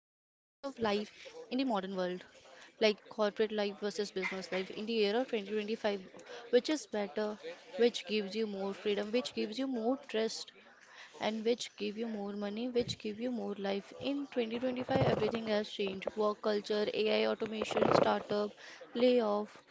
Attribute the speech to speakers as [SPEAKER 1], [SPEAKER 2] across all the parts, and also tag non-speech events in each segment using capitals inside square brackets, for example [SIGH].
[SPEAKER 1] lives in the modern world, like corporate life versus business life in the year of 2025. Which is better? Which gives you more freedom? Which gives you more trust? And which give you more money? Which give you more life? In 2025, everything has changed. Work culture, AI automation, startup, layoff,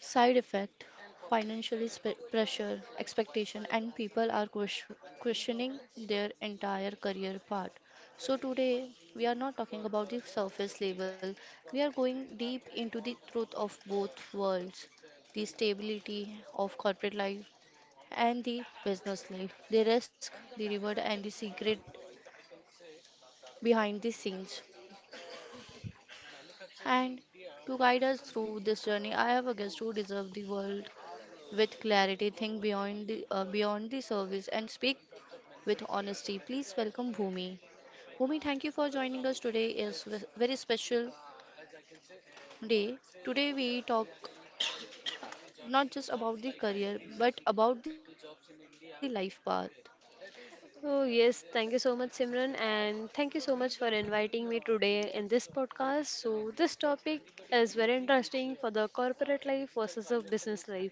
[SPEAKER 1] side effect, financial pressure, expectation, and people are questioning their entire career path. So today we are not talking about the surface level, we are going deep into the truth of both worlds, the stability of corporate life and the business life, the risk, the reward, and the secret behind the scenes. And to guide us through this journey, I have a guest who deserves the world with clarity, think beyond the service, and speak with honesty. Please welcome Bhumi. Bhumi, thank you for joining us today. Is a very special day. Today we talk not just about the career but about the life path.
[SPEAKER 2] Oh, yes, thank you so much, Simran, and thank you so much for inviting me today in this podcast. So, this topic is very interesting for the corporate life versus the business life.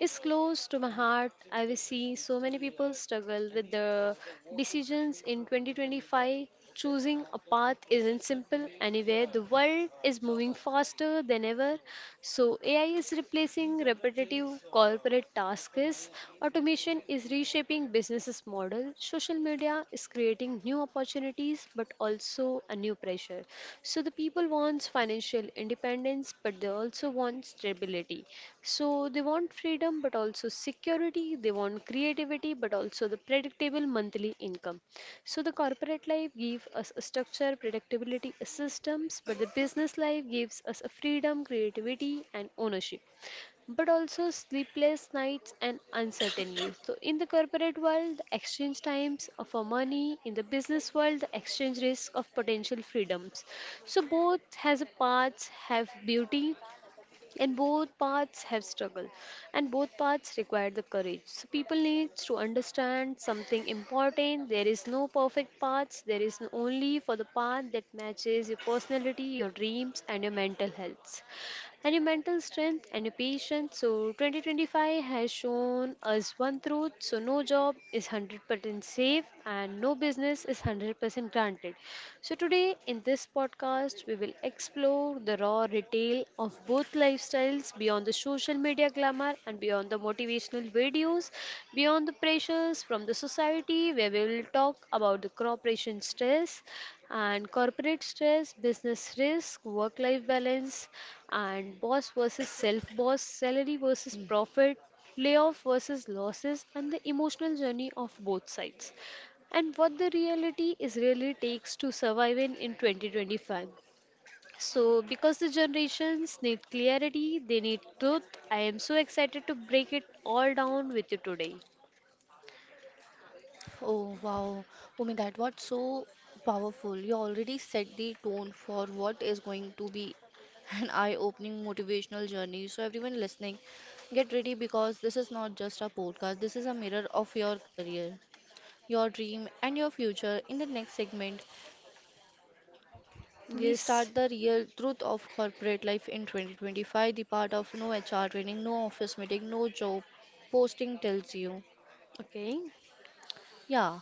[SPEAKER 2] It's close to my heart. I will see so many people struggle with the decisions in 2025. Choosing a path isn't simple anywhere. The world is moving faster than ever, so, AI is replacing repetitive corporate tasks, automation is reshaping businesses' model, social media is creating new opportunities but also a new pressure. So, the people wants financial independence but they also want stability. So, they want freedom but also security, they want creativity but also the predictable monthly income. So the corporate life gives us a structure, predictability, a systems, but the business life gives us a freedom, creativity, and ownership. But also sleepless nights and uncertainty. So in the corporate world, the exchange times of our money. In the business world, the exchange risk of potential freedoms. So both has a parts have beauty, and both paths have struggle, and both paths require the courage. So people need to understand something important. There is no perfect paths. There is only for the path that matches your personality, your dreams, and your mental health and your mental strength and your patience. So 2025 has shown us one truth. So no job is 100% safe and no business is 100% granted. So today in this podcast we will explore the raw retail of both lifestyles beyond the social media glamour and beyond the motivational videos, beyond the pressures from the society, where we will talk about the corporation stress and corporate stress, business risk, work life balance, and boss versus self boss, salary versus profit, layoff versus losses, and the emotional journey of both sides and what the reality is really takes to survive in 2025, so, because the generations need clarity, they need truth. I am so excited to break it all down with you today.
[SPEAKER 1] Oh wow, Bhumi, that was so powerful. You already set the tone for what is going to be an eye-opening motivational journey. So everyone listening, get ready because this is not just a podcast. This is a mirror of your career, your dream, and your future. In the next segment, we
[SPEAKER 2] Yes.
[SPEAKER 1] start the real truth of corporate life in 2025, the part of no HR training, no office meeting, no job posting tells you.
[SPEAKER 2] Okay.
[SPEAKER 1] Yeah.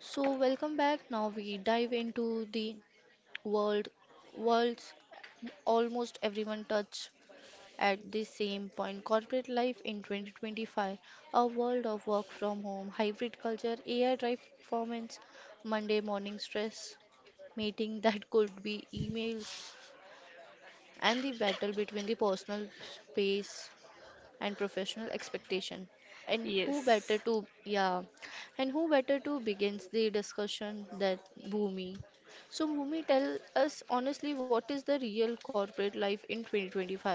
[SPEAKER 1] So welcome back. Now we dive into the world worlds almost everyone touch at the same point, corporate life in 2025, a world of work from home, hybrid culture, AI drive performance, Monday morning stress, meeting [LAUGHS] that could be emails, and the battle between the personal space and professional expectation. And who better
[SPEAKER 2] Yes.
[SPEAKER 1] and who better to begins the discussion than Bhumi? So Bhumi, tell us honestly, what is the real corporate life in 2025?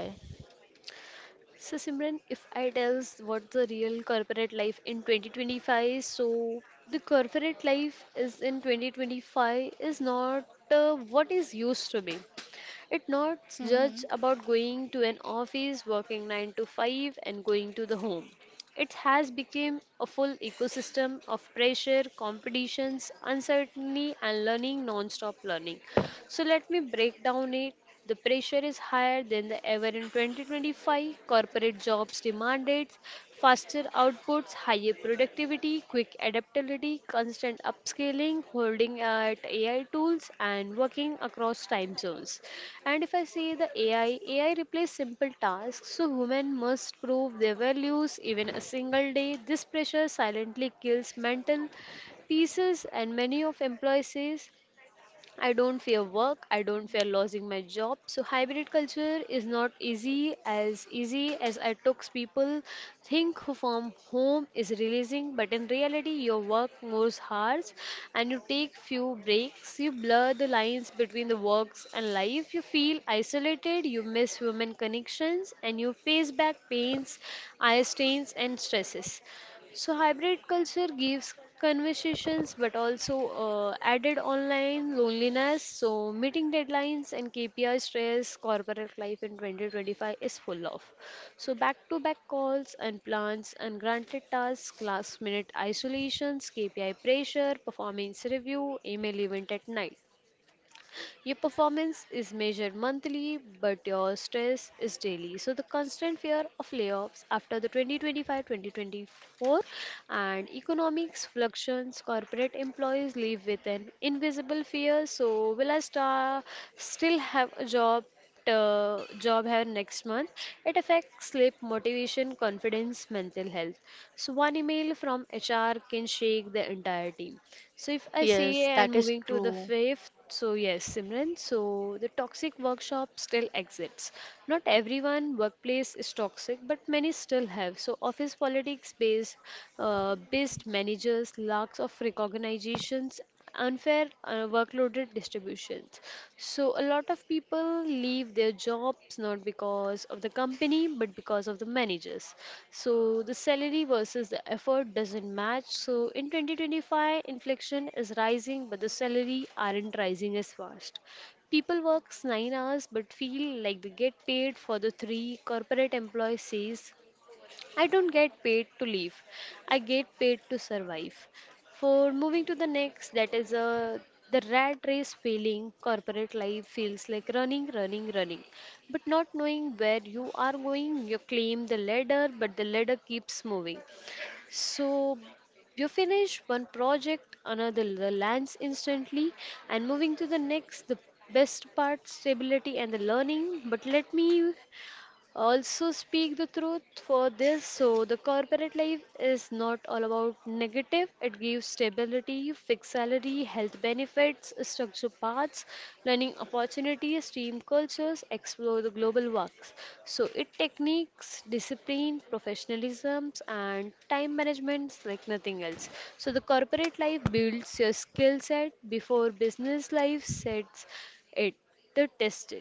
[SPEAKER 2] So Simran, if I tells what the real corporate life in 2025, so the corporate life is in 2025 is not what is used to be. It not
[SPEAKER 1] Mm-hmm.
[SPEAKER 2] just about going to an office, working 9 to 5 and going to the home. It has become a full ecosystem of pressure, competitions, uncertainty and learning, non-stop learning. So let me break down it. The pressure is higher than the ever in 2025. Corporate jobs demand it faster outputs, higher productivity, quick adaptability, constant upscaling, holding at AI tools, and working across time zones. And if I say the AI replace simple tasks, so women must prove their values even a single day. This pressure silently kills mental pieces and many of employees say I don't fear work, I don't fear losing my job. So hybrid culture is not easy as easy as I talks people think who from home is releasing, but in reality your work moves hours and you take few breaks, you blur the lines between the works and life, you feel isolated, you miss human connections and you face back pains, eye strains and stresses. So hybrid culture gives conversations but also added online loneliness. So meeting deadlines and KPI stress, corporate life in 2025 is full of. So back-to-back calls and plans, ungranted tasks, last-minute isolations, KPI pressure, performance review, email event at night. Your performance is measured monthly, but your stress is daily. So the constant fear of layoffs after the 2025-2024 and economics fluctuations, corporate employees live with an invisible fear. So still have a job? Job have next month, it affects sleep motivation confidence mental health. So one email from HR can shake the entire team. So if I say
[SPEAKER 1] Yes,
[SPEAKER 2] and
[SPEAKER 1] that is
[SPEAKER 2] moving to the
[SPEAKER 1] true.
[SPEAKER 2] fifth, so yes, Simran, so the toxic workshop still exists. Not everyone workplace is toxic, but many still have. So office politics based managers, lacks of recognitions, unfair workloaded distributions. So a lot of people leave their jobs not because of the company but because of the managers. So the salary versus the effort doesn't match. So in 2025 inflation is rising but the salary aren't rising as fast. People works 9 hours but feel like they get paid for the 3. Corporate employee says I don't get paid to live. I get paid to survive. For moving to the next, that is a the rat race feeling. Corporate life feels like running, but not knowing where you are going. You climb the ladder, but the ladder keeps moving. So you finish one project, another lands instantly, and moving to the next, the best part stability and the learning. But let me also speak the truth for this, so the corporate life is not all about negative, it gives stability, fixed salary, health benefits, structure paths, learning opportunities, team cultures, explore the global works. So it techniques discipline professionalisms and time management like nothing else. So the corporate life builds your skill set before business life sets it the test.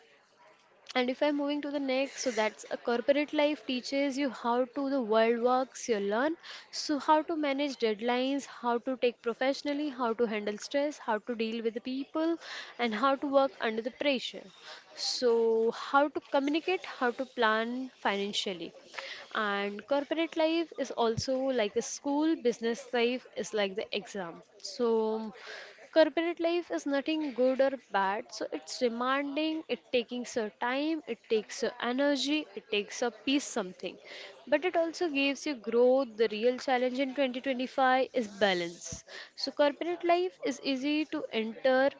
[SPEAKER 2] And if I'm moving to the next, so that's a corporate life teaches you how to the world works, you learn so how to manage deadlines, how to take professionally, how to handle stress, how to deal with the people, and how to work under the pressure. So how to communicate, how to plan financially. And corporate life is also like a school, business life is like the exam. So corporate life is nothing good or bad, so it's demanding, it takes your time, it takes your energy, it takes a peace something. But it also gives you growth. The real challenge in 2025 is balance. So corporate life is easy to enter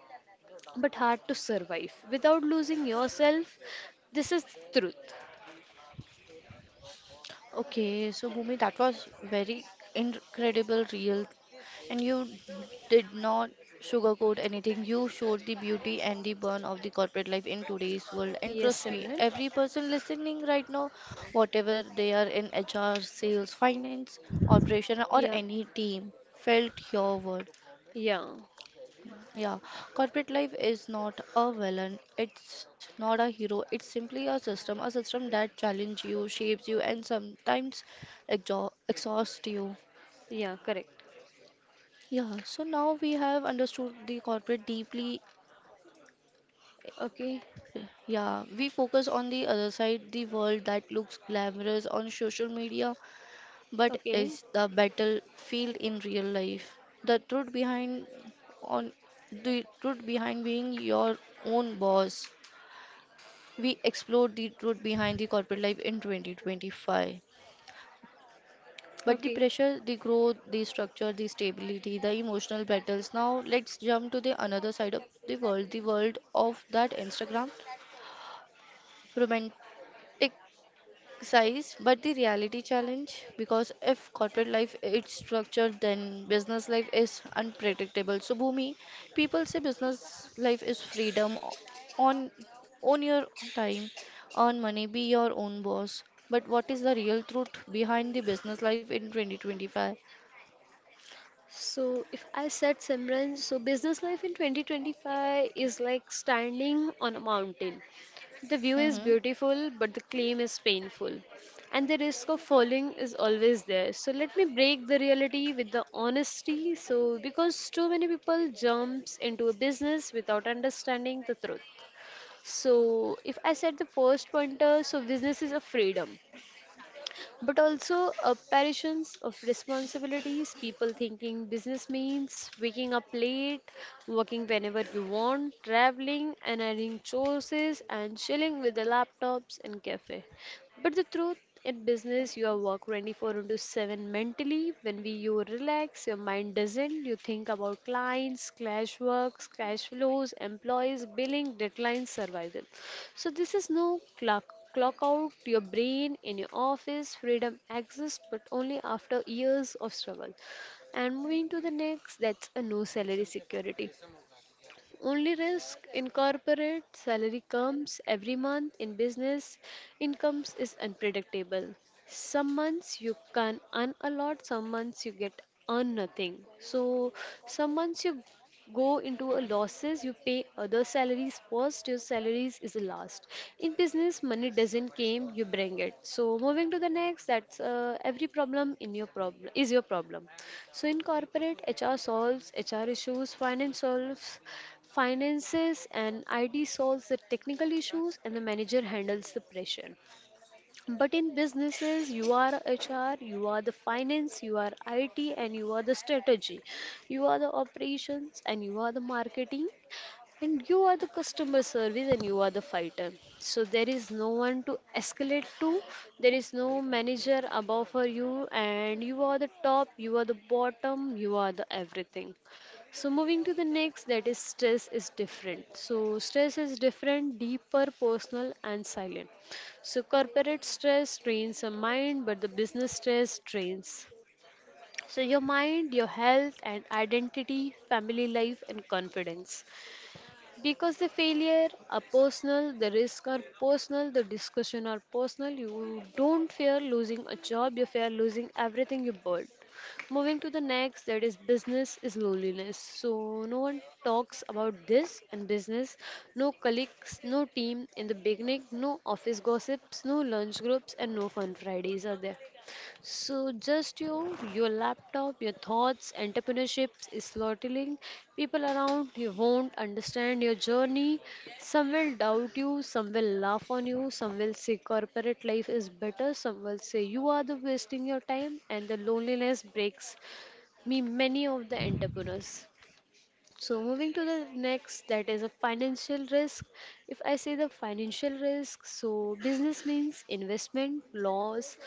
[SPEAKER 2] but hard to survive without losing yourself. This is the truth.
[SPEAKER 1] Okay, so Bhumi, that was very incredible, real, and you did not sugarcoat anything. You showed the beauty and the burn of the corporate life in today's world. And
[SPEAKER 2] Yes,
[SPEAKER 1] trust me,
[SPEAKER 2] Simran.
[SPEAKER 1] every person listening right now, whatever they are in HR, sales, finance, operation, or
[SPEAKER 2] Yeah.
[SPEAKER 1] any team, felt your word.
[SPEAKER 2] Yeah.
[SPEAKER 1] Yeah, corporate life is not a villain. It's not a hero. It's simply a system that challenges you, shapes you, and sometimes exhausts you.
[SPEAKER 2] Yeah, correct.
[SPEAKER 1] Yeah, so now we have understood the corporate deeply.
[SPEAKER 2] Okay.
[SPEAKER 1] Yeah, we focus on the other side, the world that looks glamorous on social media, but
[SPEAKER 2] Okay.
[SPEAKER 1] is the battlefield in real life. The truth behind on the truth behind being your own boss. We explored the truth behind the corporate life in 2025. But the
[SPEAKER 2] Okay.
[SPEAKER 1] pressure, the growth, the structure, the stability, the emotional battles. Now let's jump to the another side of the world of that Instagram romantic size but the reality challenge, because if corporate life is structured then business life is unpredictable. So Bhumi, people say business life is freedom, o- on own your time, earn money, be your own boss. But what is the real truth behind the business life in 2025?
[SPEAKER 2] So if I said Simran, so business life in 2025 is like standing on a mountain. The view is
[SPEAKER 1] Mm-hmm.
[SPEAKER 2] beautiful, but the climb is painful. And the risk of falling is always there. So let me break the reality with the honesty. So because too many people jumps into a business without understanding the truth. So if I said the first pointer, so business is a freedom but also apparitions of responsibilities, people thinking business means waking up late, working whenever you want, traveling and adding choices and chilling with the laptops and cafe. But the truth in business, you are work 24 into 7 mentally. When we you relax, your mind doesn't. You think about clients, clash works, cash flows, employees, billing, deadlines, survival. So this is no clock out your brain in your office. Freedom exists but only after years of struggle. And moving to the next, that's a no salary security. Only risk in corporate salary comes every month, in business incomes is unpredictable. Some months you can earn a lot, some months you get earn nothing. So some months you go into a losses, you pay other salaries first, your salaries is the last. In business, money doesn't came, you bring it. So moving to the next, that's every problem in your problem is your problem. So in corporate, HR solves HR issues, finance solves finances, and IT solves the technical issues and the manager handles the pressure. But in businesses, you are HR, you are the finance, you are IT, and you are the strategy. You are the operations and you are the marketing and you are the customer service and you are the fighter. So there is no one to escalate to, there is no manager above for you, and you are the top, you are the bottom, you are the everything. So moving to the next, that is stress is different. So stress is different, deeper, personal and silent. So corporate stress drains the mind but the business stress drains so your mind, your health and identity, family life and confidence, because the failure are personal, the risks are personal, the discussion are personal. You don't fear losing a job, you fear losing everything you built. Moving to the next, that is business is loneliness. So no one talks about this in business. No colleagues, no team in the beginning, no office gossips, no lunch groups, and no fun Fridays are there. So just you, your laptop, your thoughts, entrepreneurship is slaughtering. People around you won't understand your journey. Some will doubt you, some will laugh on you, some will say corporate life is better, some will say you are the wasting your time and the loneliness breaks me many of the entrepreneurs. So moving to the next, that is a financial risk. If I say the financial risk, so business means investment, loss,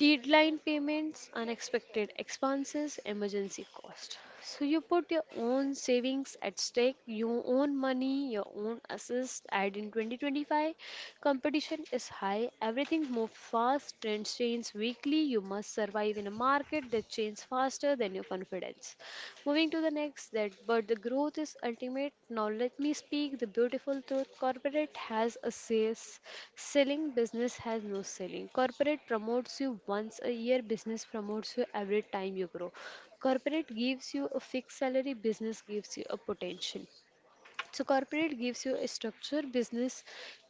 [SPEAKER 2] deadline payments, unexpected expenses, emergency cost. So you put your own savings at stake, your own money, your own assets. And in 2025, competition is high. Everything moves fast. Trends change weekly. You must survive in a market that changes faster than your confidence. Moving to the next, that but the growth is ultimate. Now let me speak the beautiful truth. Corporate has a sales selling, business has no selling. Corporate promotes you once a year, business promotes you every time you grow. Corporate gives you a fixed salary, business gives you a potential. So corporate gives you a structure, business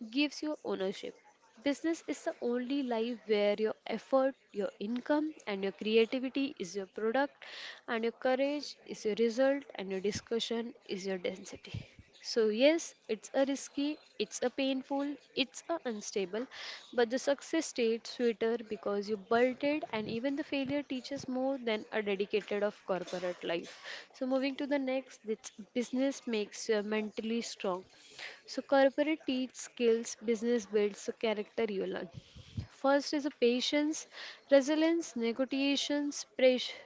[SPEAKER 2] gives you ownership. Business is the only life where your effort, your income, and your creativity is your product, and your courage is your result, and your discussion is your density. So, yes, it's a risky, it's a painful, it's a unstable, but the success tastes sweeter because you built it, and even the failure teaches more than a dedicated of corporate life. So, moving to the next, it's business makes you mentally strong. So corporate teach skills, business builds the character you learn. First is a patience, resilience, negotiations, pressure,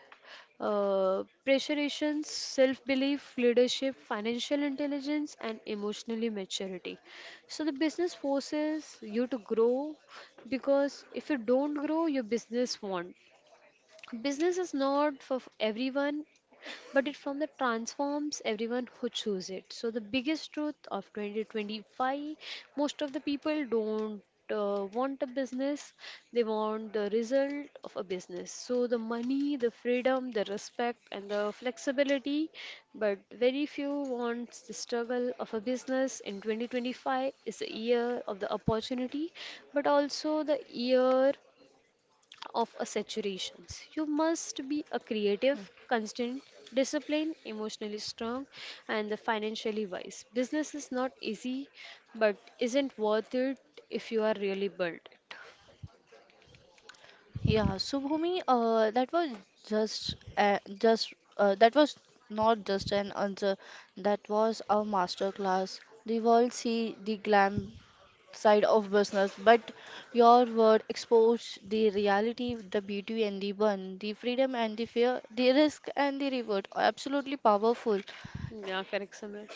[SPEAKER 2] pressurizations, self-belief, leadership, financial intelligence, and emotionally maturity. So the business forces you to grow because if you don't grow, your business won't. Business is not for everyone but it from the transforms everyone who choose it. So the biggest truth of 2025, most of the people don't want a business, they want the result of a business. So the money, the freedom, the respect, and the flexibility, but very few wants the struggle of a business. In 2025 is the year of the opportunity, but also the year of a saturations. You must be a creative, constant, disciplined, emotionally strong, and the financially wise. Business is not easy, but isn't worth it if you are really built it.
[SPEAKER 1] Yeah, so Bhumi, that was just that was not just an answer. That was a master class. The world see the glam side of business, but your word exposed the reality, the beauty and the burn, the freedom and the fear, the risk and the reward. Absolutely powerful.
[SPEAKER 2] Yeah, correct, Simran.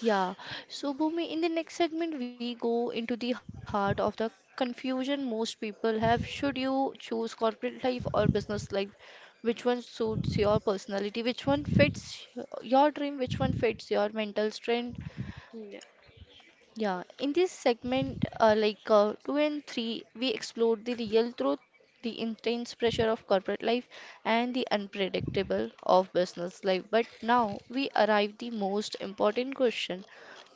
[SPEAKER 1] Yeah, so Bhumi, in the next segment, we go into the heart of the confusion most people have. Should you choose corporate life or business life? Which one suits your personality? Which one fits your dream? Which one fits your mental strength?
[SPEAKER 2] Yeah.
[SPEAKER 1] Yeah, in this segment, 2 and 3, we explored the real truth, the intense pressure of corporate life, and the unpredictable of business life. But now we arrive the most important question.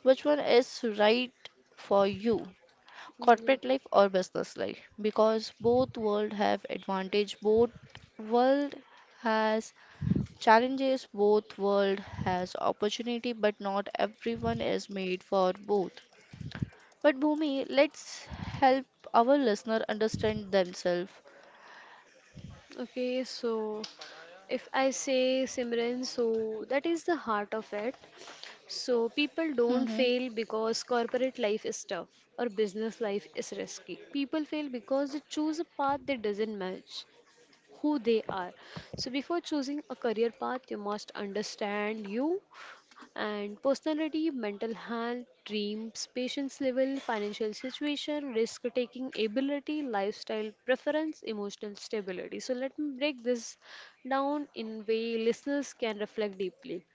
[SPEAKER 1] Which one is right for you?
[SPEAKER 2] Yeah.
[SPEAKER 1] Corporate life or business life? Because both world have advantage, both world has challenges, both world has opportunity, but not everyone is made for both. But Bhumi, let's help our listener understand themselves.
[SPEAKER 2] Okay, so if I say Simran, so that is the heart of it. So people don't
[SPEAKER 1] Hmm.
[SPEAKER 2] fail because corporate life is tough or business life is risky. People fail because they choose a path that doesn't match who they are. So, before choosing a career path, you must understand you and personality, mental health, dreams, patience level, financial situation, risk taking ability, lifestyle preference, emotional stability. So, let me break this down in way listeners can reflect deeply.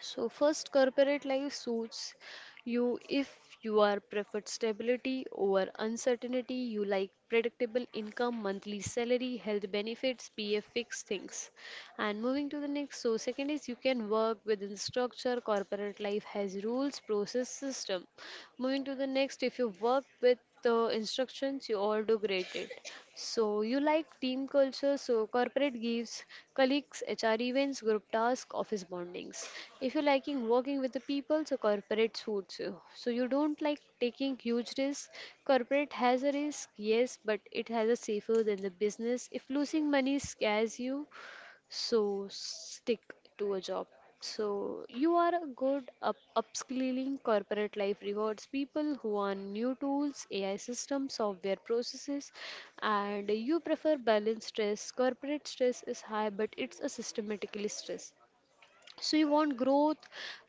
[SPEAKER 2] So, first, corporate life suits you if you are preferred stability over uncertainty, you like predictable income, monthly salary, health benefits, PF fixed things. And moving to the next, so second is you can work within structure, corporate life has rules, process, system. Moving to the next, if you work with the instructions, you all do great it. So you like team culture, so corporate gives, colleagues, HR events, group tasks, office bondings. If you're liking working with the people, so corporate suits you. So you don't like taking huge risks. Corporate has a risk, yes, but it has a safer than the business. If losing money scares you, so stick to a job so you are a good up upskilling corporate life rewards people who are new tools ai systems software processes and you prefer balanced stress corporate stress is high but it's a systematically stress so you want growth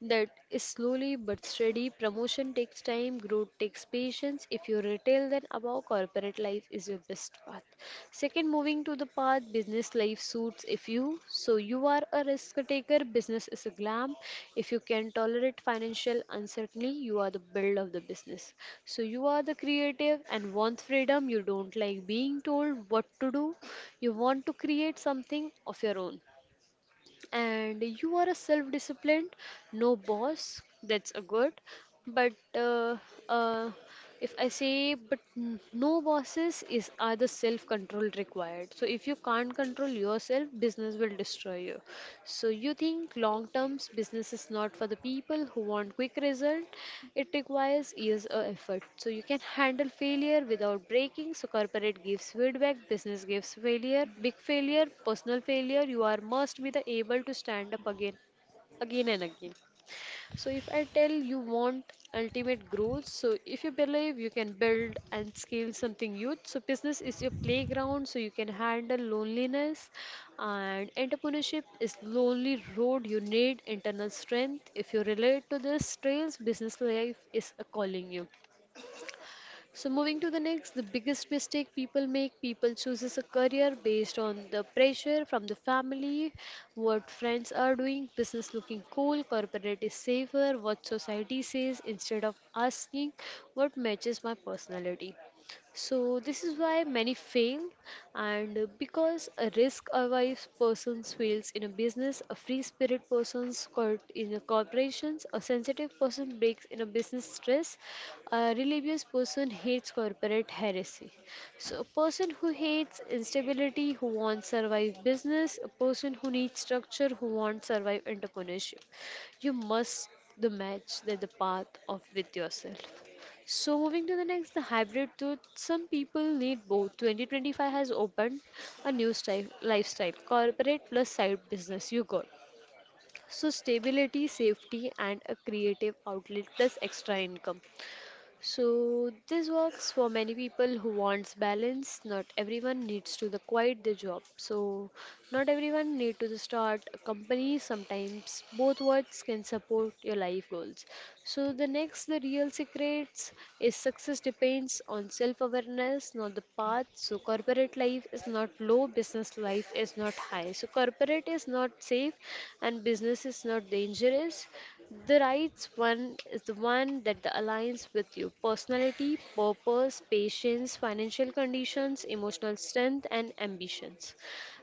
[SPEAKER 2] that is slowly but steady. Promotion takes time, growth takes patience. If you retail, then above corporate life is your best path. Second, moving to the path business life suits if you. So you are a risk taker, business is a glam. If you can tolerate financial uncertainty, you are the build of the business. So you are the creative and want freedom. You don't like being told what to do. You want to create something of your own and you are a self disciplined no boss that's a good but uh, if I say but no bosses is either self control required so if you can't control yourself business will destroy you so you think long terms business is not for the people who want quick result it requires years of effort. So you can handle failure without breaking. So corporate gives feedback, business gives failure, big failure, personal failure. You are must be the able to stand up again, again and again. So if I tell you want ultimate growth, so if you believe you can build and scale something huge, so business is your playground, so you can handle loneliness, and entrepreneurship is lonely road. You need internal strength. If you relate to this trails, business life is a calling you. So moving to the next, the biggest mistake people make, people chooses a career based on the pressure from the family, what friends are doing, business looking cool, corporate is safer, what society says, instead of asking what matches my personality. So this is why many fail and because a risk-averse person fails in a business, a free-spirit person squirt in a corporations, a sensitive person breaks in a business stress, a religious person hates corporate heresy. So, a person who hates instability, who wants survive business, a person who needs structure, who wants survive entrepreneurship. You must the match that the path of with yourself. So moving to the next, the hybrid tooth. Some people need both. 2025 has opened a new style, lifestyle, corporate plus side business. You got so stability, safety, and a creative outlet plus extra income. So this works for many people who wants balance. Not everyone needs to the quit the job. So not everyone need to the start a company. Sometimes both words can support your life goals. So the next the real secrets is success depends on self-awareness, not the path. So corporate life is not low, business life is not high. So corporate is not safe and business is not dangerous. The right one is the one that the aligns with your personality, purpose, patience, financial conditions, emotional strength, and ambitions.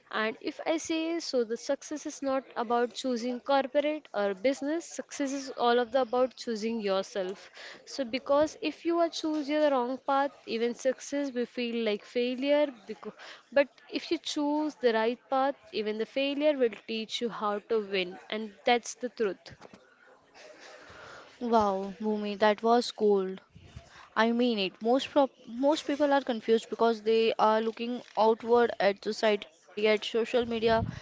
[SPEAKER 2] And if I say so, the success is not about choosing corporate or business. Success is all of the about choosing yourself. So because if you are choose your wrong path, even success will feel like failure. Because, but if you choose the right path, even the failure will teach you how to win, and that's the truth.
[SPEAKER 1] Wow, Bhumi, that was cold. I mean it. Most people are confused because they are looking outward at society, at social media,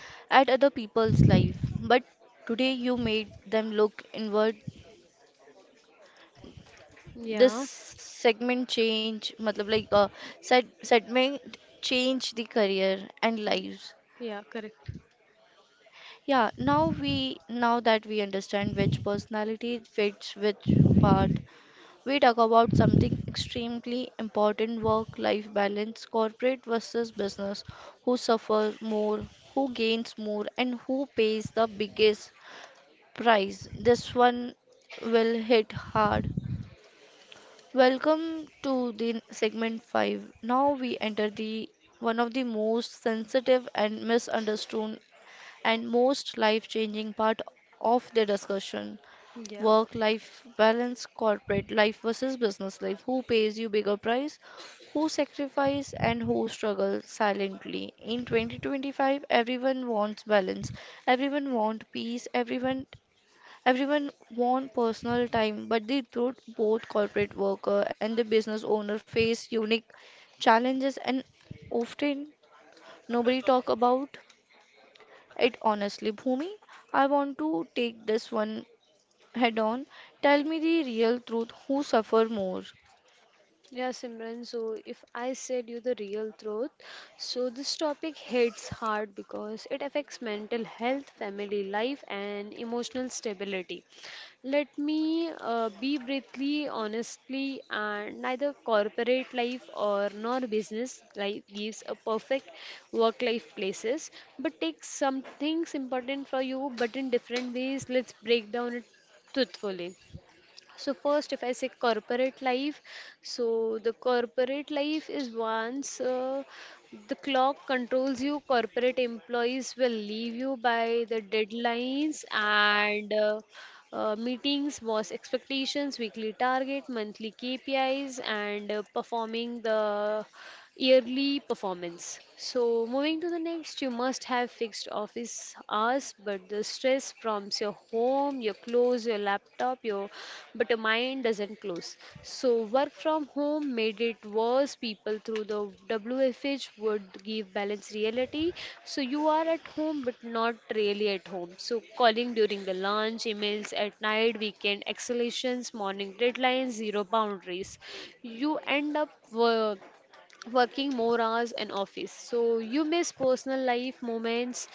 [SPEAKER 1] at other people's life. But today you made them look inward. This
[SPEAKER 2] Yeah.
[SPEAKER 1] segment change, matlab like segment change the career and
[SPEAKER 2] Mm,
[SPEAKER 1] lives.
[SPEAKER 2] yeah, correct.
[SPEAKER 1] Yeah, now that we understand which personality fits which part, we talk about something extremely important: work-life balance, corporate versus business, who suffers more, who gains more, and who pays the biggest price. This one will hit hard. Welcome to the segment 5. Now we enter the one of the most sensitive and misunderstood and most life changing part of the discussion,
[SPEAKER 2] Yeah.
[SPEAKER 1] work life balance, corporate life versus business life. Who pays you bigger price? Who sacrifice and who struggle silently? In 2025, everyone wants balance, everyone wants peace, everyone wants personal time, but the truth, both corporate worker and the business owner face unique challenges and often nobody talk about it honestly. Bhumi, I want to take this one head on. Tell me the real truth, who suffer more?
[SPEAKER 2] Yeah, Simran. So, if I said you the real truth, so this topic hits hard because it affects mental health, family life, and emotional stability. Let me be briefly, honestly, and neither corporate life or nor business life gives a perfect work-life places. But take some things important for you, but in different ways. Let's break down it truthfully. So first, if I say corporate life, so the corporate life is once the clock controls you, corporate employees will leave you by the deadlines and meetings, boss expectations, weekly target, monthly KPIs, and performing the yearly performance. So, moving to the next, you must have fixed office hours, but the stress from your home, your clothes, your laptop, your but your mind doesn't close. So, work from home made it worse. People through the WFH would give balance reality. So, you are at home, but not really at home. So, calling during the lunch, emails at night, weekend exhalations, morning deadlines, zero boundaries. You end up working more hours in office so you miss personal life moments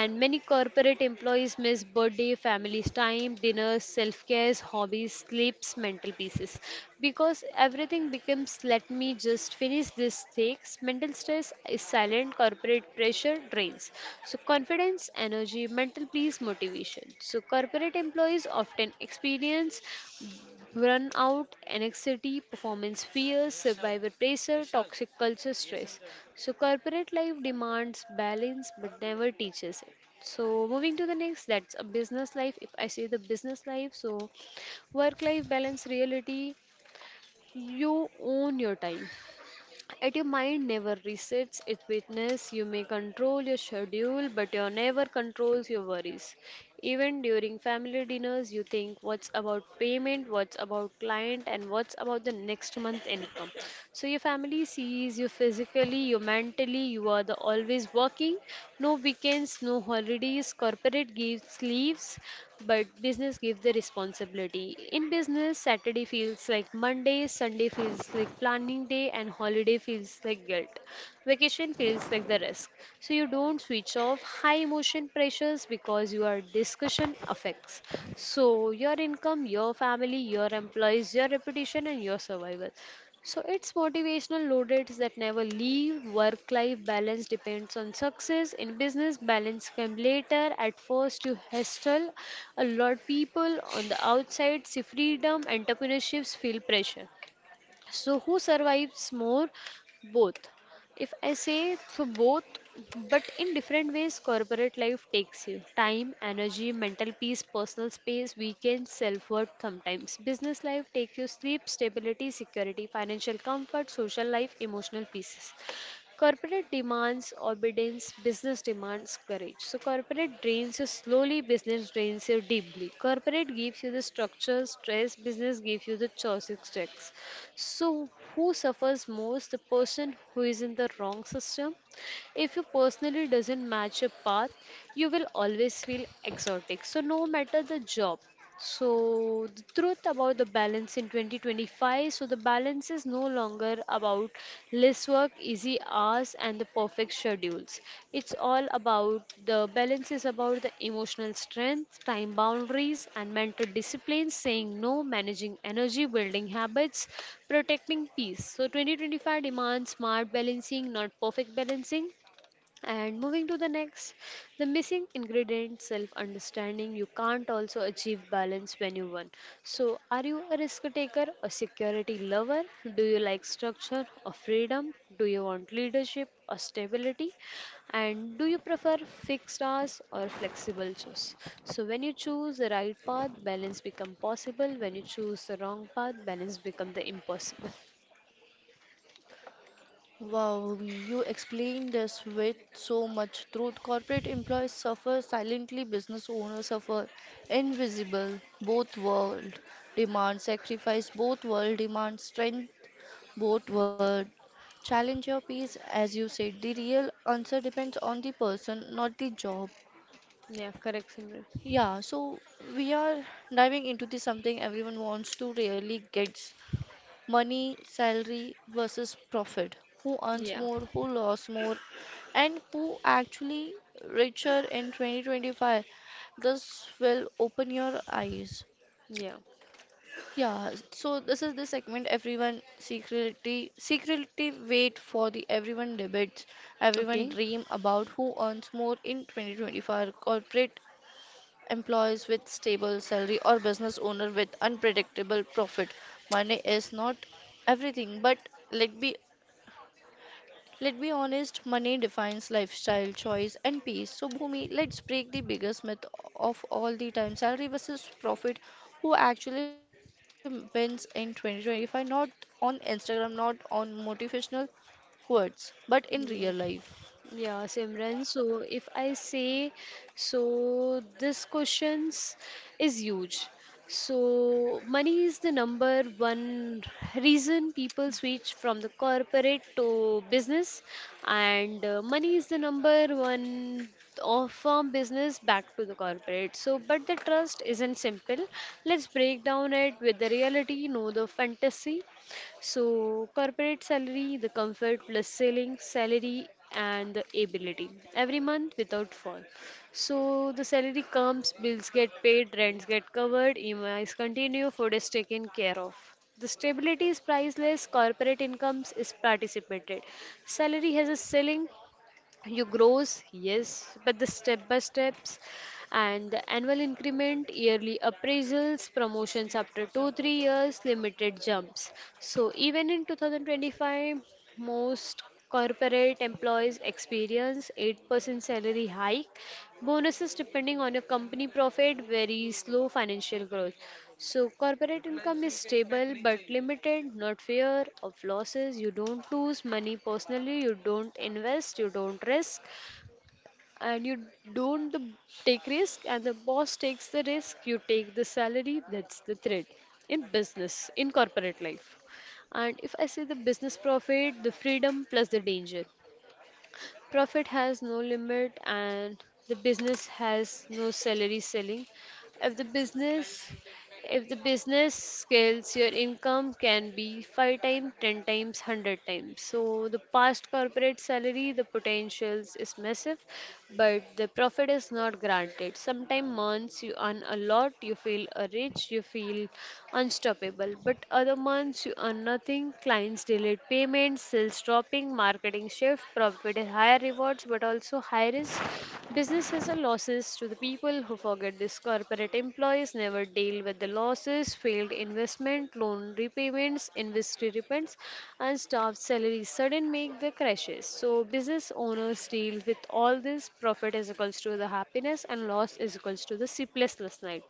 [SPEAKER 2] and many corporate employees miss birthday families time dinners self-care hobbies sleeps mental pieces because everything becomes let me just finish this takes mental stress is silent corporate pressure drains so confidence energy mental peace motivation so corporate employees often experience burn out, anxiety, performance fears, survivor pressure, toxic culture stress. So, corporate life demands balance but never teaches it. So, moving to the next, that's a business life. If I say the business life, so work life balance reality, you own your time. Yet your mind never resets its witness. You may control your schedule, but you never controls your worries. Even during family dinners, you think what's about payment, what's about client, and what's about the next month income. So your family sees you physically, you mentally, you are the always working. No weekends, no holidays. Corporate gives leaves, but business gives the responsibility. In business, Saturday feels like Monday, Sunday feels like planning day, and holiday feels like guilt. Vacation feels like the risk. So you don't switch off high emotion pressures because your discussion affects. So your income, your family, your employees, your reputation, and your survival. So it's motivational loaded that never leave. Work life balance depends on success. In business, balance came later. At first, you hustle a lot people on the outside, see freedom, entrepreneurships feel pressure. So, who survives more? Both. If I say so, both, but in different ways, corporate life takes you time, energy, mental peace, personal space, weekends, self worth sometimes. Business life takes you sleep, stability, security, financial comfort, social life, emotional pieces. Corporate demands obedience, business demands courage. So, corporate drains you slowly, business drains you deeply. Corporate gives you the structure, stress, business gives you the choices, checks. So, who suffers most? The person who is in the wrong system. If you personally doesn't match your path, you will always feel exotic. So, no matter the job, so, the truth about the balance in 2025, so, the balance is no longer about less work, easy hours, and the perfect schedules. It's all about the balance is about the emotional strength, time boundaries, and mental discipline, saying no, managing energy, building habits, protecting peace. So, 2025 demands smart balancing, not perfect balancing, and moving to the next, the missing ingredient self understanding. You can't also achieve balance when you won. So, are you a risk taker or security lover? Do you like structure or freedom? Do you want leadership or stability? And do you prefer fixed hours or flexible choice? So, when you choose the right path, balance become possible. When you choose the wrong path, balance become the impossible.
[SPEAKER 1] Wow, you explained this with so much truth. Corporate employees suffer silently, business owners suffer invisible. Both world demand sacrifice, both world demand strength, both world challenge your peace. As you said, the real answer depends on the person, not the job.
[SPEAKER 2] Yeah, correct, Simran.
[SPEAKER 1] Yeah, so we are diving into this something everyone wants to really gets money, salary versus profit. Who earns
[SPEAKER 2] Yeah,
[SPEAKER 1] more, who lost more, and who actually richer in 2025. This will open your eyes.
[SPEAKER 2] yeah.
[SPEAKER 1] Yeah, so this is the segment everyone secretly wait for, the everyone debates, everyone
[SPEAKER 2] Okay.
[SPEAKER 1] dream about who earns more in 2025, corporate employees with stable salary or business owner with unpredictable profit. Money is not everything, but let be let be honest, money defines lifestyle, choice and peace. So Bhumi, let's break the biggest myth of all the time. Salary versus profit. Who actually wins in 2025? Not on Instagram, not on motivational quotes, but in real
[SPEAKER 2] Yeah.
[SPEAKER 1] life.
[SPEAKER 2] Yeah, Simran. So, if I say so, this questions is huge. So, money is the number one reason people switch from the corporate to business, and money is the number one of firm business back to the corporate. So, but the trust isn't simple. Let's break down it with the reality, no the fantasy. So, corporate salary, the comfort plus selling salary, and the ability every month without fall. So, the salary comes, bills get paid, rents get covered, EMIs continue, food is taken care of. The stability is priceless, corporate incomes is participated. Salary has a ceiling, you grows yes but the step by steps and the annual increment yearly appraisals promotions after 2 3 years limited jumps, so even in 2025 most corporate employees experience 8% salary hike bonuses depending on your company profit very slow financial growth. So corporate income is stable but limited, not fear of losses. You don't lose money personally, you don't invest, you don't risk, and you don't take risk, and the boss takes the risk, you take the salary, that's the threat in business, in corporate life. And if I say the business profit, the freedom plus the danger. Profit has no limit and the business has no salary selling. If the business if the business scales, your income can be 5 times, 10 times, 100 times. So, the past corporate salary, the potentials is massive, but the profit is not granted. Sometimes months you earn a lot, you feel rich, you feel unstoppable, but other months you earn nothing. Clients delayed payments, sales dropping, marketing shift, profit is higher rewards, but also high risk. Businesses are losses to the people who forget this. Corporate employees never deal with the losses, failed investment, loan repayments, industry repents, and staff salaries sudden make the crashes. So business owners deal with all this. Profit is equals to the happiness and loss is equals to the sleeplessness night.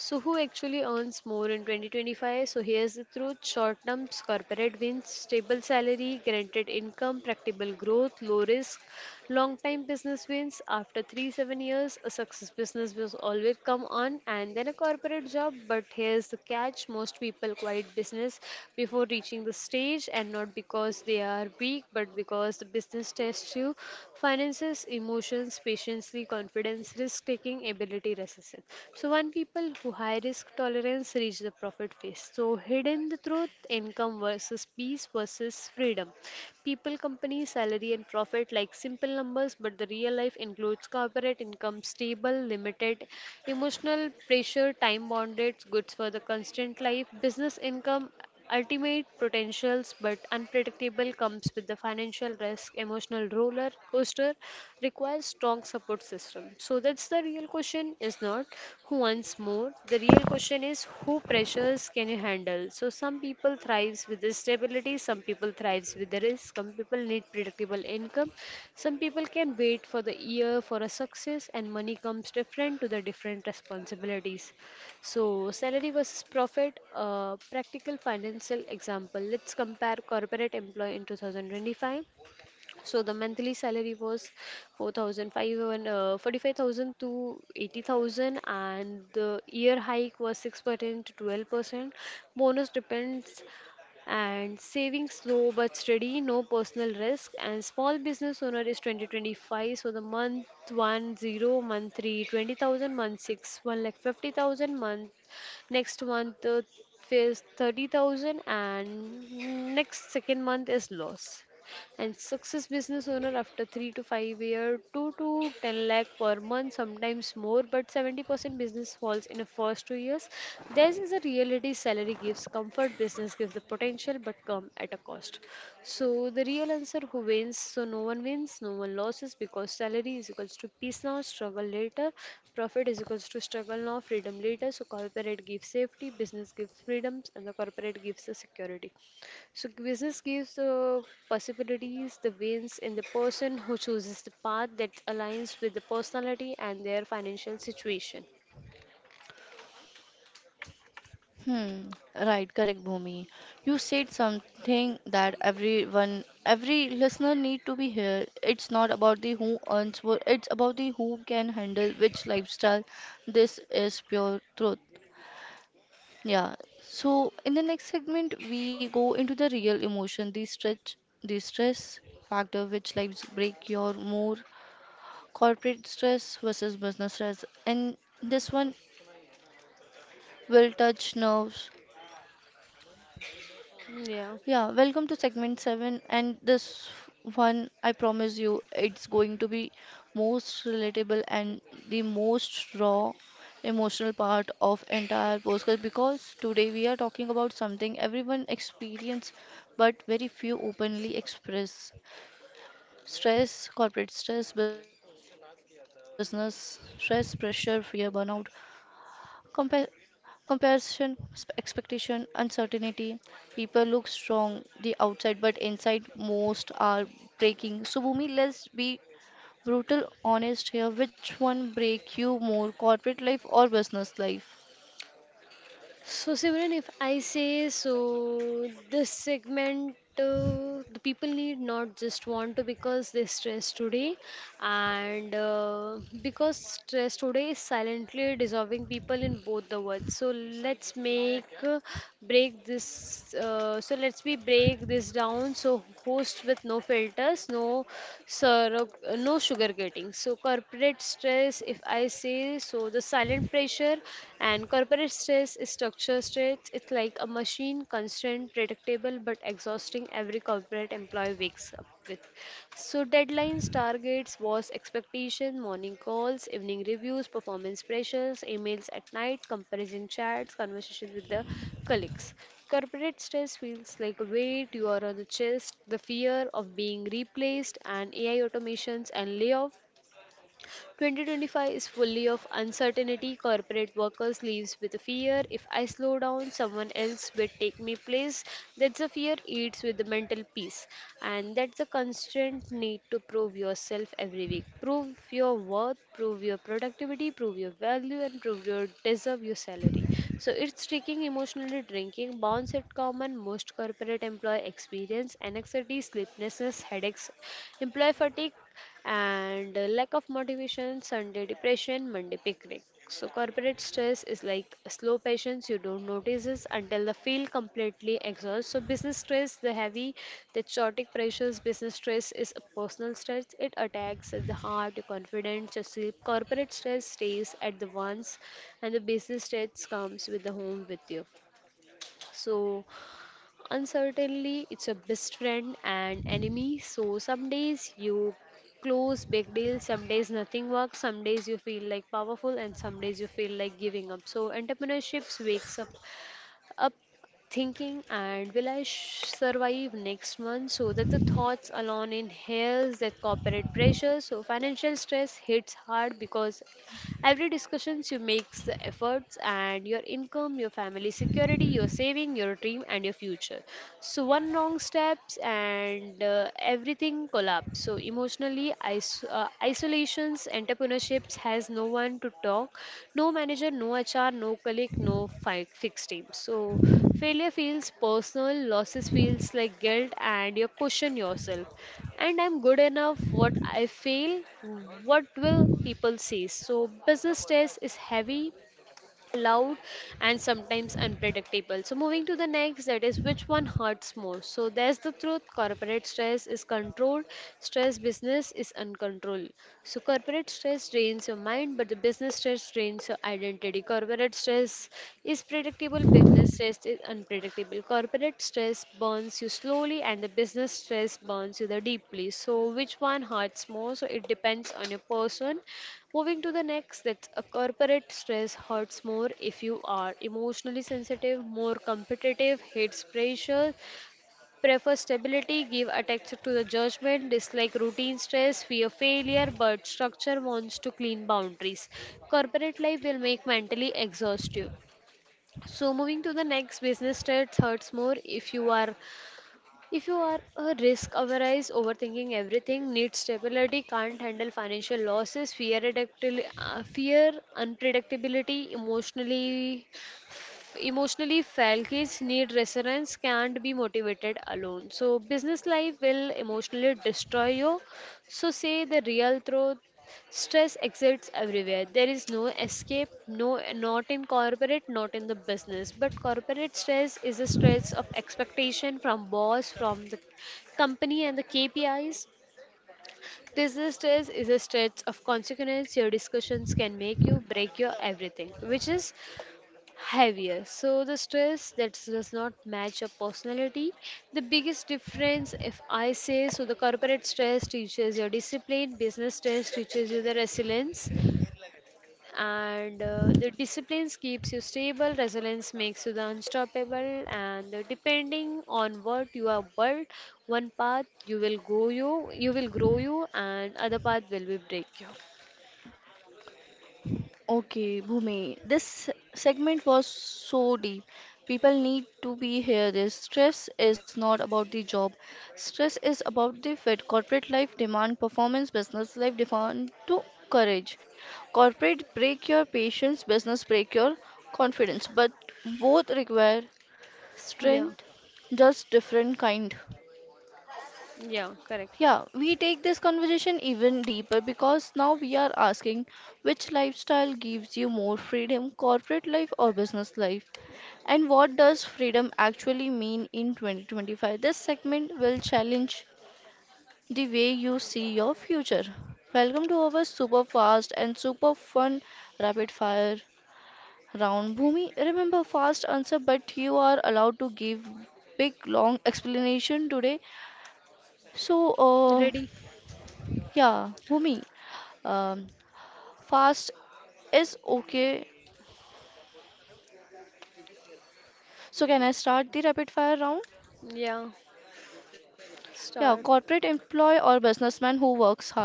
[SPEAKER 2] So who actually earns more in 2025? So here's the truth. Short terms, corporate wins, stable salary, guaranteed income, practical growth, low risk. Long-time business wins. After three, 7 years, a success business will always come on and then a corporate job. But here's the catch, most people quit business before reaching the stage and not because they are weak, but because the business tests you finances, emotions, patience, confidence, risk taking, ability, resistance. So, one people who high risk tolerance reach the profit phase. So, hidden the truth income versus peace versus freedom. People company salary and profit like simple numbers, but the real life includes corporate income, stable, limited, emotional pressure, time bonded, goods for the constant life, business income, ultimate potentials, but unpredictable comes with the financial depressed, emotional roller coaster requires strong support system. So that's the real question is not who wants more. The real question is who pressures can you handle. So some people thrives with the stability, some people thrives with the risk, some people need predictable income, some people can wait for the year for a success and money comes different to the different responsibilities. So, salary versus profit, a practical financial example. Let's compare corporate employee in 2025, so the monthly salary was 4,005 and 45,000 to 80,000 and the year hike was 6% to 12%. Bonus depends and savings slow but steady, no personal risk, and small business owner is 2025, so the month 10, month 3 20,000, month 6 1 lakh 50,000 month next month is 30,000 and next second month is loss. And success business owner after 3 to 5 year, 2 to 10 lakh per month, sometimes more, but 70% business falls in the first 2 years. This is a reality, salary gives comfort, business gives the potential, but come at a cost. So the real answer, who wins? So no one wins, no one loses, because salary is equals to peace now, struggle later, profit is equals to struggle now, freedom later. So corporate gives safety, business gives freedoms, and the corporate gives the security. So business gives the possibilities, the wins and the person who chooses the path that aligns with the personality and their financial situation.
[SPEAKER 1] Hmm, right, correct, Bhumi. You said something that everyone, every listener need to be here. It's not about the who earns more, it's about the who can handle which lifestyle. This is pure truth. Yeah. So in the next segment, we go into the real emotion, the stretch, the stress factor, which lives break your more, corporate stress versus business stress, and this one will touch nerves.
[SPEAKER 2] Yeah.
[SPEAKER 1] Yeah, welcome to segment 7, and this one, I promise you, it's going to be most relatable and the most raw emotional part of entire podcast, because today we are talking about something everyone experience but very few openly express: stress, corporate stress, business stress, pressure, fear, burnout, comparison, expectation, uncertainty. People look strong the outside, but inside most are breaking. So Bhumi, let's be brutal honest here. Which one break you more, corporate life or business life?
[SPEAKER 2] So Simran, if I say, so this segment the people need not just want to because they stress today, and because stress today is silently dissolving people in both the worlds. So let's make break this so let's we break this down, so host with no filters, no sir, no sugarcoating. So corporate stress, if I say, so the silent pressure, and corporate stress is structure stress, it's like a machine, constant, predictable but exhausting. Every corporate employee wakes up with so deadlines, targets, was expectation, morning calls, evening reviews, performance pressures, emails at night, comparison chats, conversations with the colleagues. Corporate stress feels like a weight you are on the chest, the fear of being replaced and AI automations and layoffs. 2025 is fully of uncertainty. Corporate workers lives with a fear, if I slow down, someone else will take me place. That's the fear eats with the mental peace, and that's the constant need to prove yourself every week. Prove your worth, prove your productivity, prove your value, and prove your deserve your salary. So it's tricking, emotionally drinking, bounce at common, most corporate employee experience, anxiety, sleeplessness, headaches, employee fatigue, and lack of motivation, Sunday depression, Monday picnic. So corporate stress is like a slow patience, you don't notice it until the feel completely exhausted. So business stress, the heavy, the chaotic pressures, business stress is a personal stress. It attacks at the heart, your confidence, your sleep. Corporate stress stays at the once, and the business stress comes with the home with you. So uncertainty, it's a best friend and enemy. So some days you close big deals, some days nothing works, some days you feel like powerful, and some days you feel like giving up. So entrepreneurships wakes up thinking and will I survive next month? So that the thoughts alone inhales that corporate pressure. So financial stress hits hard because every discussions you makes the efforts and your income, your family security, your saving, your dream and your future. So one wrong steps and everything collapse. So emotionally isolations, entrepreneurships has no one to talk, no manager, no HR, no colleague, no fixed team. So failure feels personal, losses feels like guilt and you question yourself and I'm good enough what I feel what will people see. So business stress is heavy, loud, and sometimes unpredictable. So moving to the next, that is which one hurts more. So there's the truth. Corporate stress is controlled. Stress business is uncontrolled. So corporate stress drains your mind, but the business stress drains your identity. Corporate stress is predictable. Business stress is unpredictable. Corporate stress burns you slowly, and the business stress burns you the deeply. So which one hurts more? So it depends on your person. Moving to the next, that's a corporate stress hurts more if you are emotionally sensitive, more competitive, hates pressure, prefer stability, give attention to the judgment, dislike routine stress, fear failure, but structure wants to clean boundaries. Corporate life will make mentally exhaust you. So moving to the next, business stress hurts more if you are a risk averse, overthinking everything, need stability, can't handle financial losses, fear, fear unpredictability, emotionally fail kids need resilience can't be motivated alone, so business life will emotionally destroy you. So say the real truth, stress exists everywhere, there is no escape, no, not in corporate, not in the business, but corporate stress is a stress of expectation from boss, from the company and the kpis. Business stress is a stress of consequence, your discussions can make you break your everything, which is heavier. So the stress that does not match your personality. The biggest difference, if I say, so the corporate stress teaches your discipline, business stress teaches you the resilience, and the discipline keeps you stable, resilience makes you the unstoppable, and depending on what you are built, one path you will go you, you will grow you, and other path will be break you.
[SPEAKER 1] Okay, Bhumi, this segment was so deep. People need to be here. This stress is not about the job. Stress is about the fit. Corporate life demand performance. Business life demand to courage. Corporate break your patience. Business break your confidence. But both require
[SPEAKER 2] Yeah,
[SPEAKER 1] strength, just different kind.
[SPEAKER 2] yeah, correct.
[SPEAKER 1] Yeah, we take this conversation even deeper because now we are asking which lifestyle gives you more freedom, corporate life or business life, and what does freedom actually mean in 2025. This segment will challenge the way you see your future. Welcome to our super fast and super fun rapid fire round. Bhumi, remember fast answer, but you are allowed to give big long explanation today. So,
[SPEAKER 2] Ready?
[SPEAKER 1] yeah, Bhumi, um, fast is okay. So can I start the rapid fire round?
[SPEAKER 2] Yeah,
[SPEAKER 1] Yeah, corporate
[SPEAKER 2] start.
[SPEAKER 1] employee or businessman, who works harder?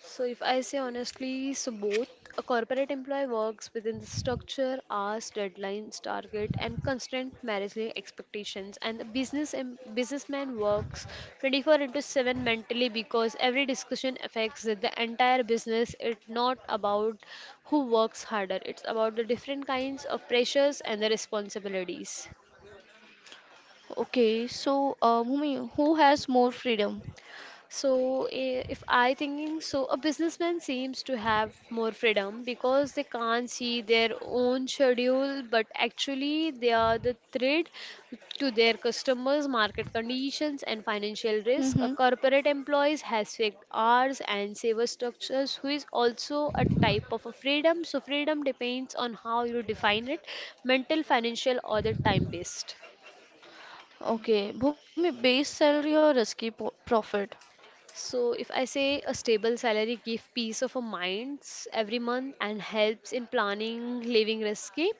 [SPEAKER 2] So, if I say honestly, so both a corporate employee works within the structure, hours, deadlines, target, and constant managing expectations, and the businessman works 24 into 7 mentally because every discussion affects the entire business. It's not about who works harder; it's about the different kinds of pressures and the responsibilities.
[SPEAKER 1] Okay, so Bhumi, who has more freedom?
[SPEAKER 2] So, if I thinking, so a businessman seems to have more freedom because they can't see their own schedule, but actually they are the thread to their customers, market conditions, and financial risk. A
[SPEAKER 1] Mm-hmm.
[SPEAKER 2] corporate employee has fixed hours and saver structures, who is also a type of a freedom. So, freedom depends on how you define it, mental, financial, or the time based.
[SPEAKER 1] Okay, Bhumi, base salary or risky po profit?
[SPEAKER 2] So if I say a stable salary gives peace of a minds every month and helps in planning living risky.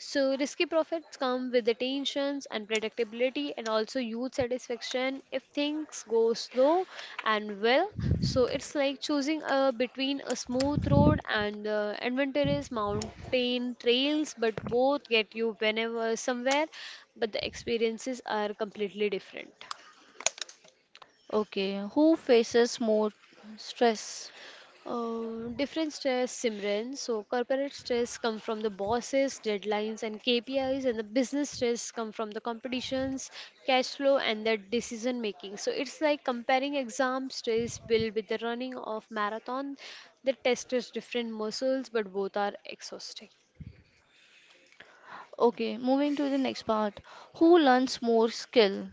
[SPEAKER 2] So risky profits come with the tensions and predictability and also youth satisfaction if things go slow and well. So it's like choosing between a smooth road and adventurous mountain trails, but both get you whenever somewhere, but the experiences are completely different.
[SPEAKER 1] Okay, who faces more stress?
[SPEAKER 2] Different stress, Simran. So corporate stress come from the bosses, deadlines, and KPIs, and the business stress come from the competitions, cash flow, and the decision making. So it's like comparing exam stress bill with the running of marathon. The test is different muscles, but both are exhausting.
[SPEAKER 1] Okay, moving to the next part. Who learns more skill?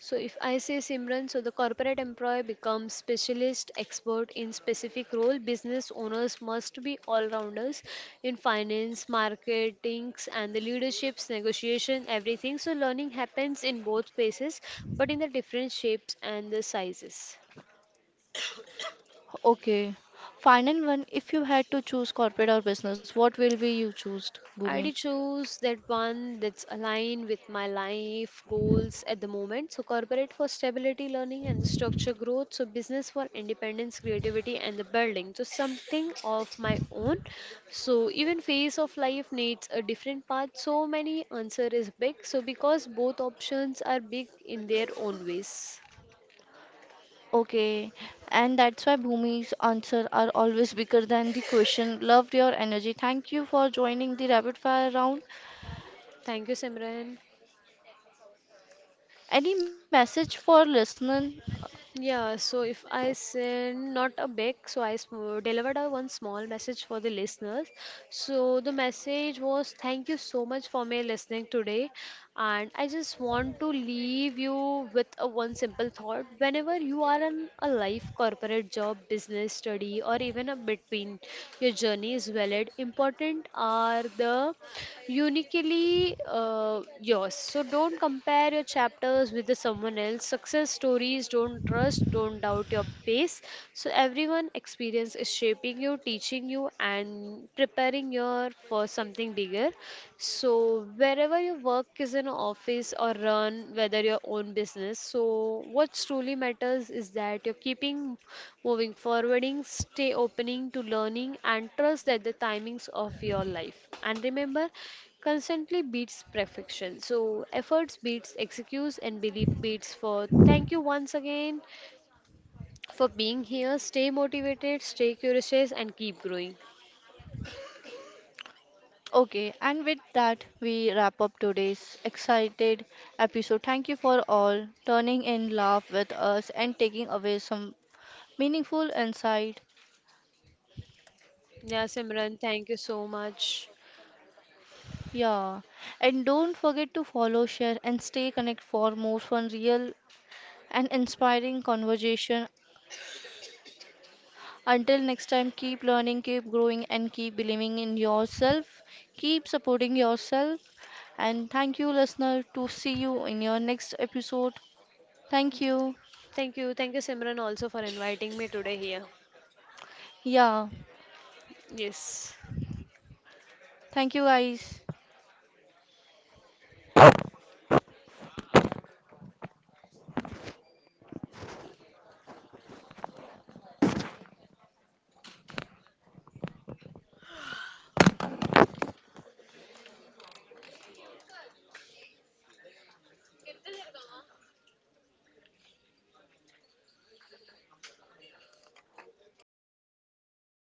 [SPEAKER 2] So if I say Simran, so the corporate employee becomes specialist expert in specific role. Business owners must be all-rounders in finance, marketings, and the leaderships, negotiation, everything. So learning happens in both spaces, but in the different shapes and the sizes.
[SPEAKER 1] Okay. Final one, if you had to choose corporate or business, what will be you choose,
[SPEAKER 2] I
[SPEAKER 1] Bhumi?
[SPEAKER 2] did choose that one that's aligned with my life goals at the moment. So corporate for stability, learning and the structure growth. So business for independence, creativity and the building. So something of my own. So even phase of life needs a different path. So many answer is big. So because both options are big in their own ways.
[SPEAKER 1] Okay. And that's why Bhumi's answer are always bigger than the question. Loved your energy. Thank you for joining the rapid fire round.
[SPEAKER 2] Thank you, Simran.
[SPEAKER 1] Any message for listener?
[SPEAKER 2] Yeah, so if I send not a big, so I delivered a one small message for the listeners. So the message was thank you so much for me listening today, and I just want to leave you with a one simple thought. Whenever you are in a life, corporate job, business, study, or even a between your journey is valid, important are the uniquely yours. So don't compare your chapters with the someone else. Success stories don't trust, don't doubt your pace. So everyone experience is shaping you, teaching you, and preparing you for something bigger. So wherever you work is in an office or run, whether your own business. So what truly matters is that you're keeping moving forwarding, stay opening to learning, and trust that the timings of your life. And remember, constantly beats perfection. So efforts beats excuse and belief beats for thank you once again for being here. Stay motivated, stay curious and keep growing.
[SPEAKER 1] Okay, and with that, we wrap up today's excited episode. Thank you for all turning in, laugh with us, and taking away some meaningful insight.
[SPEAKER 2] Yeah, Simran, thank you so much.
[SPEAKER 1] Yeah, and don't forget to follow, share, and stay connected for more fun, real, and inspiring conversation. Until next time, keep learning, keep growing, and keep believing in yourself. Keep supporting yourself. And thank you, listener, to see you in your next episode. Thank you.
[SPEAKER 2] Thank you. Thank you Simran also for inviting me today here.
[SPEAKER 1] Yeah,
[SPEAKER 2] Yes.
[SPEAKER 1] thank you, guys.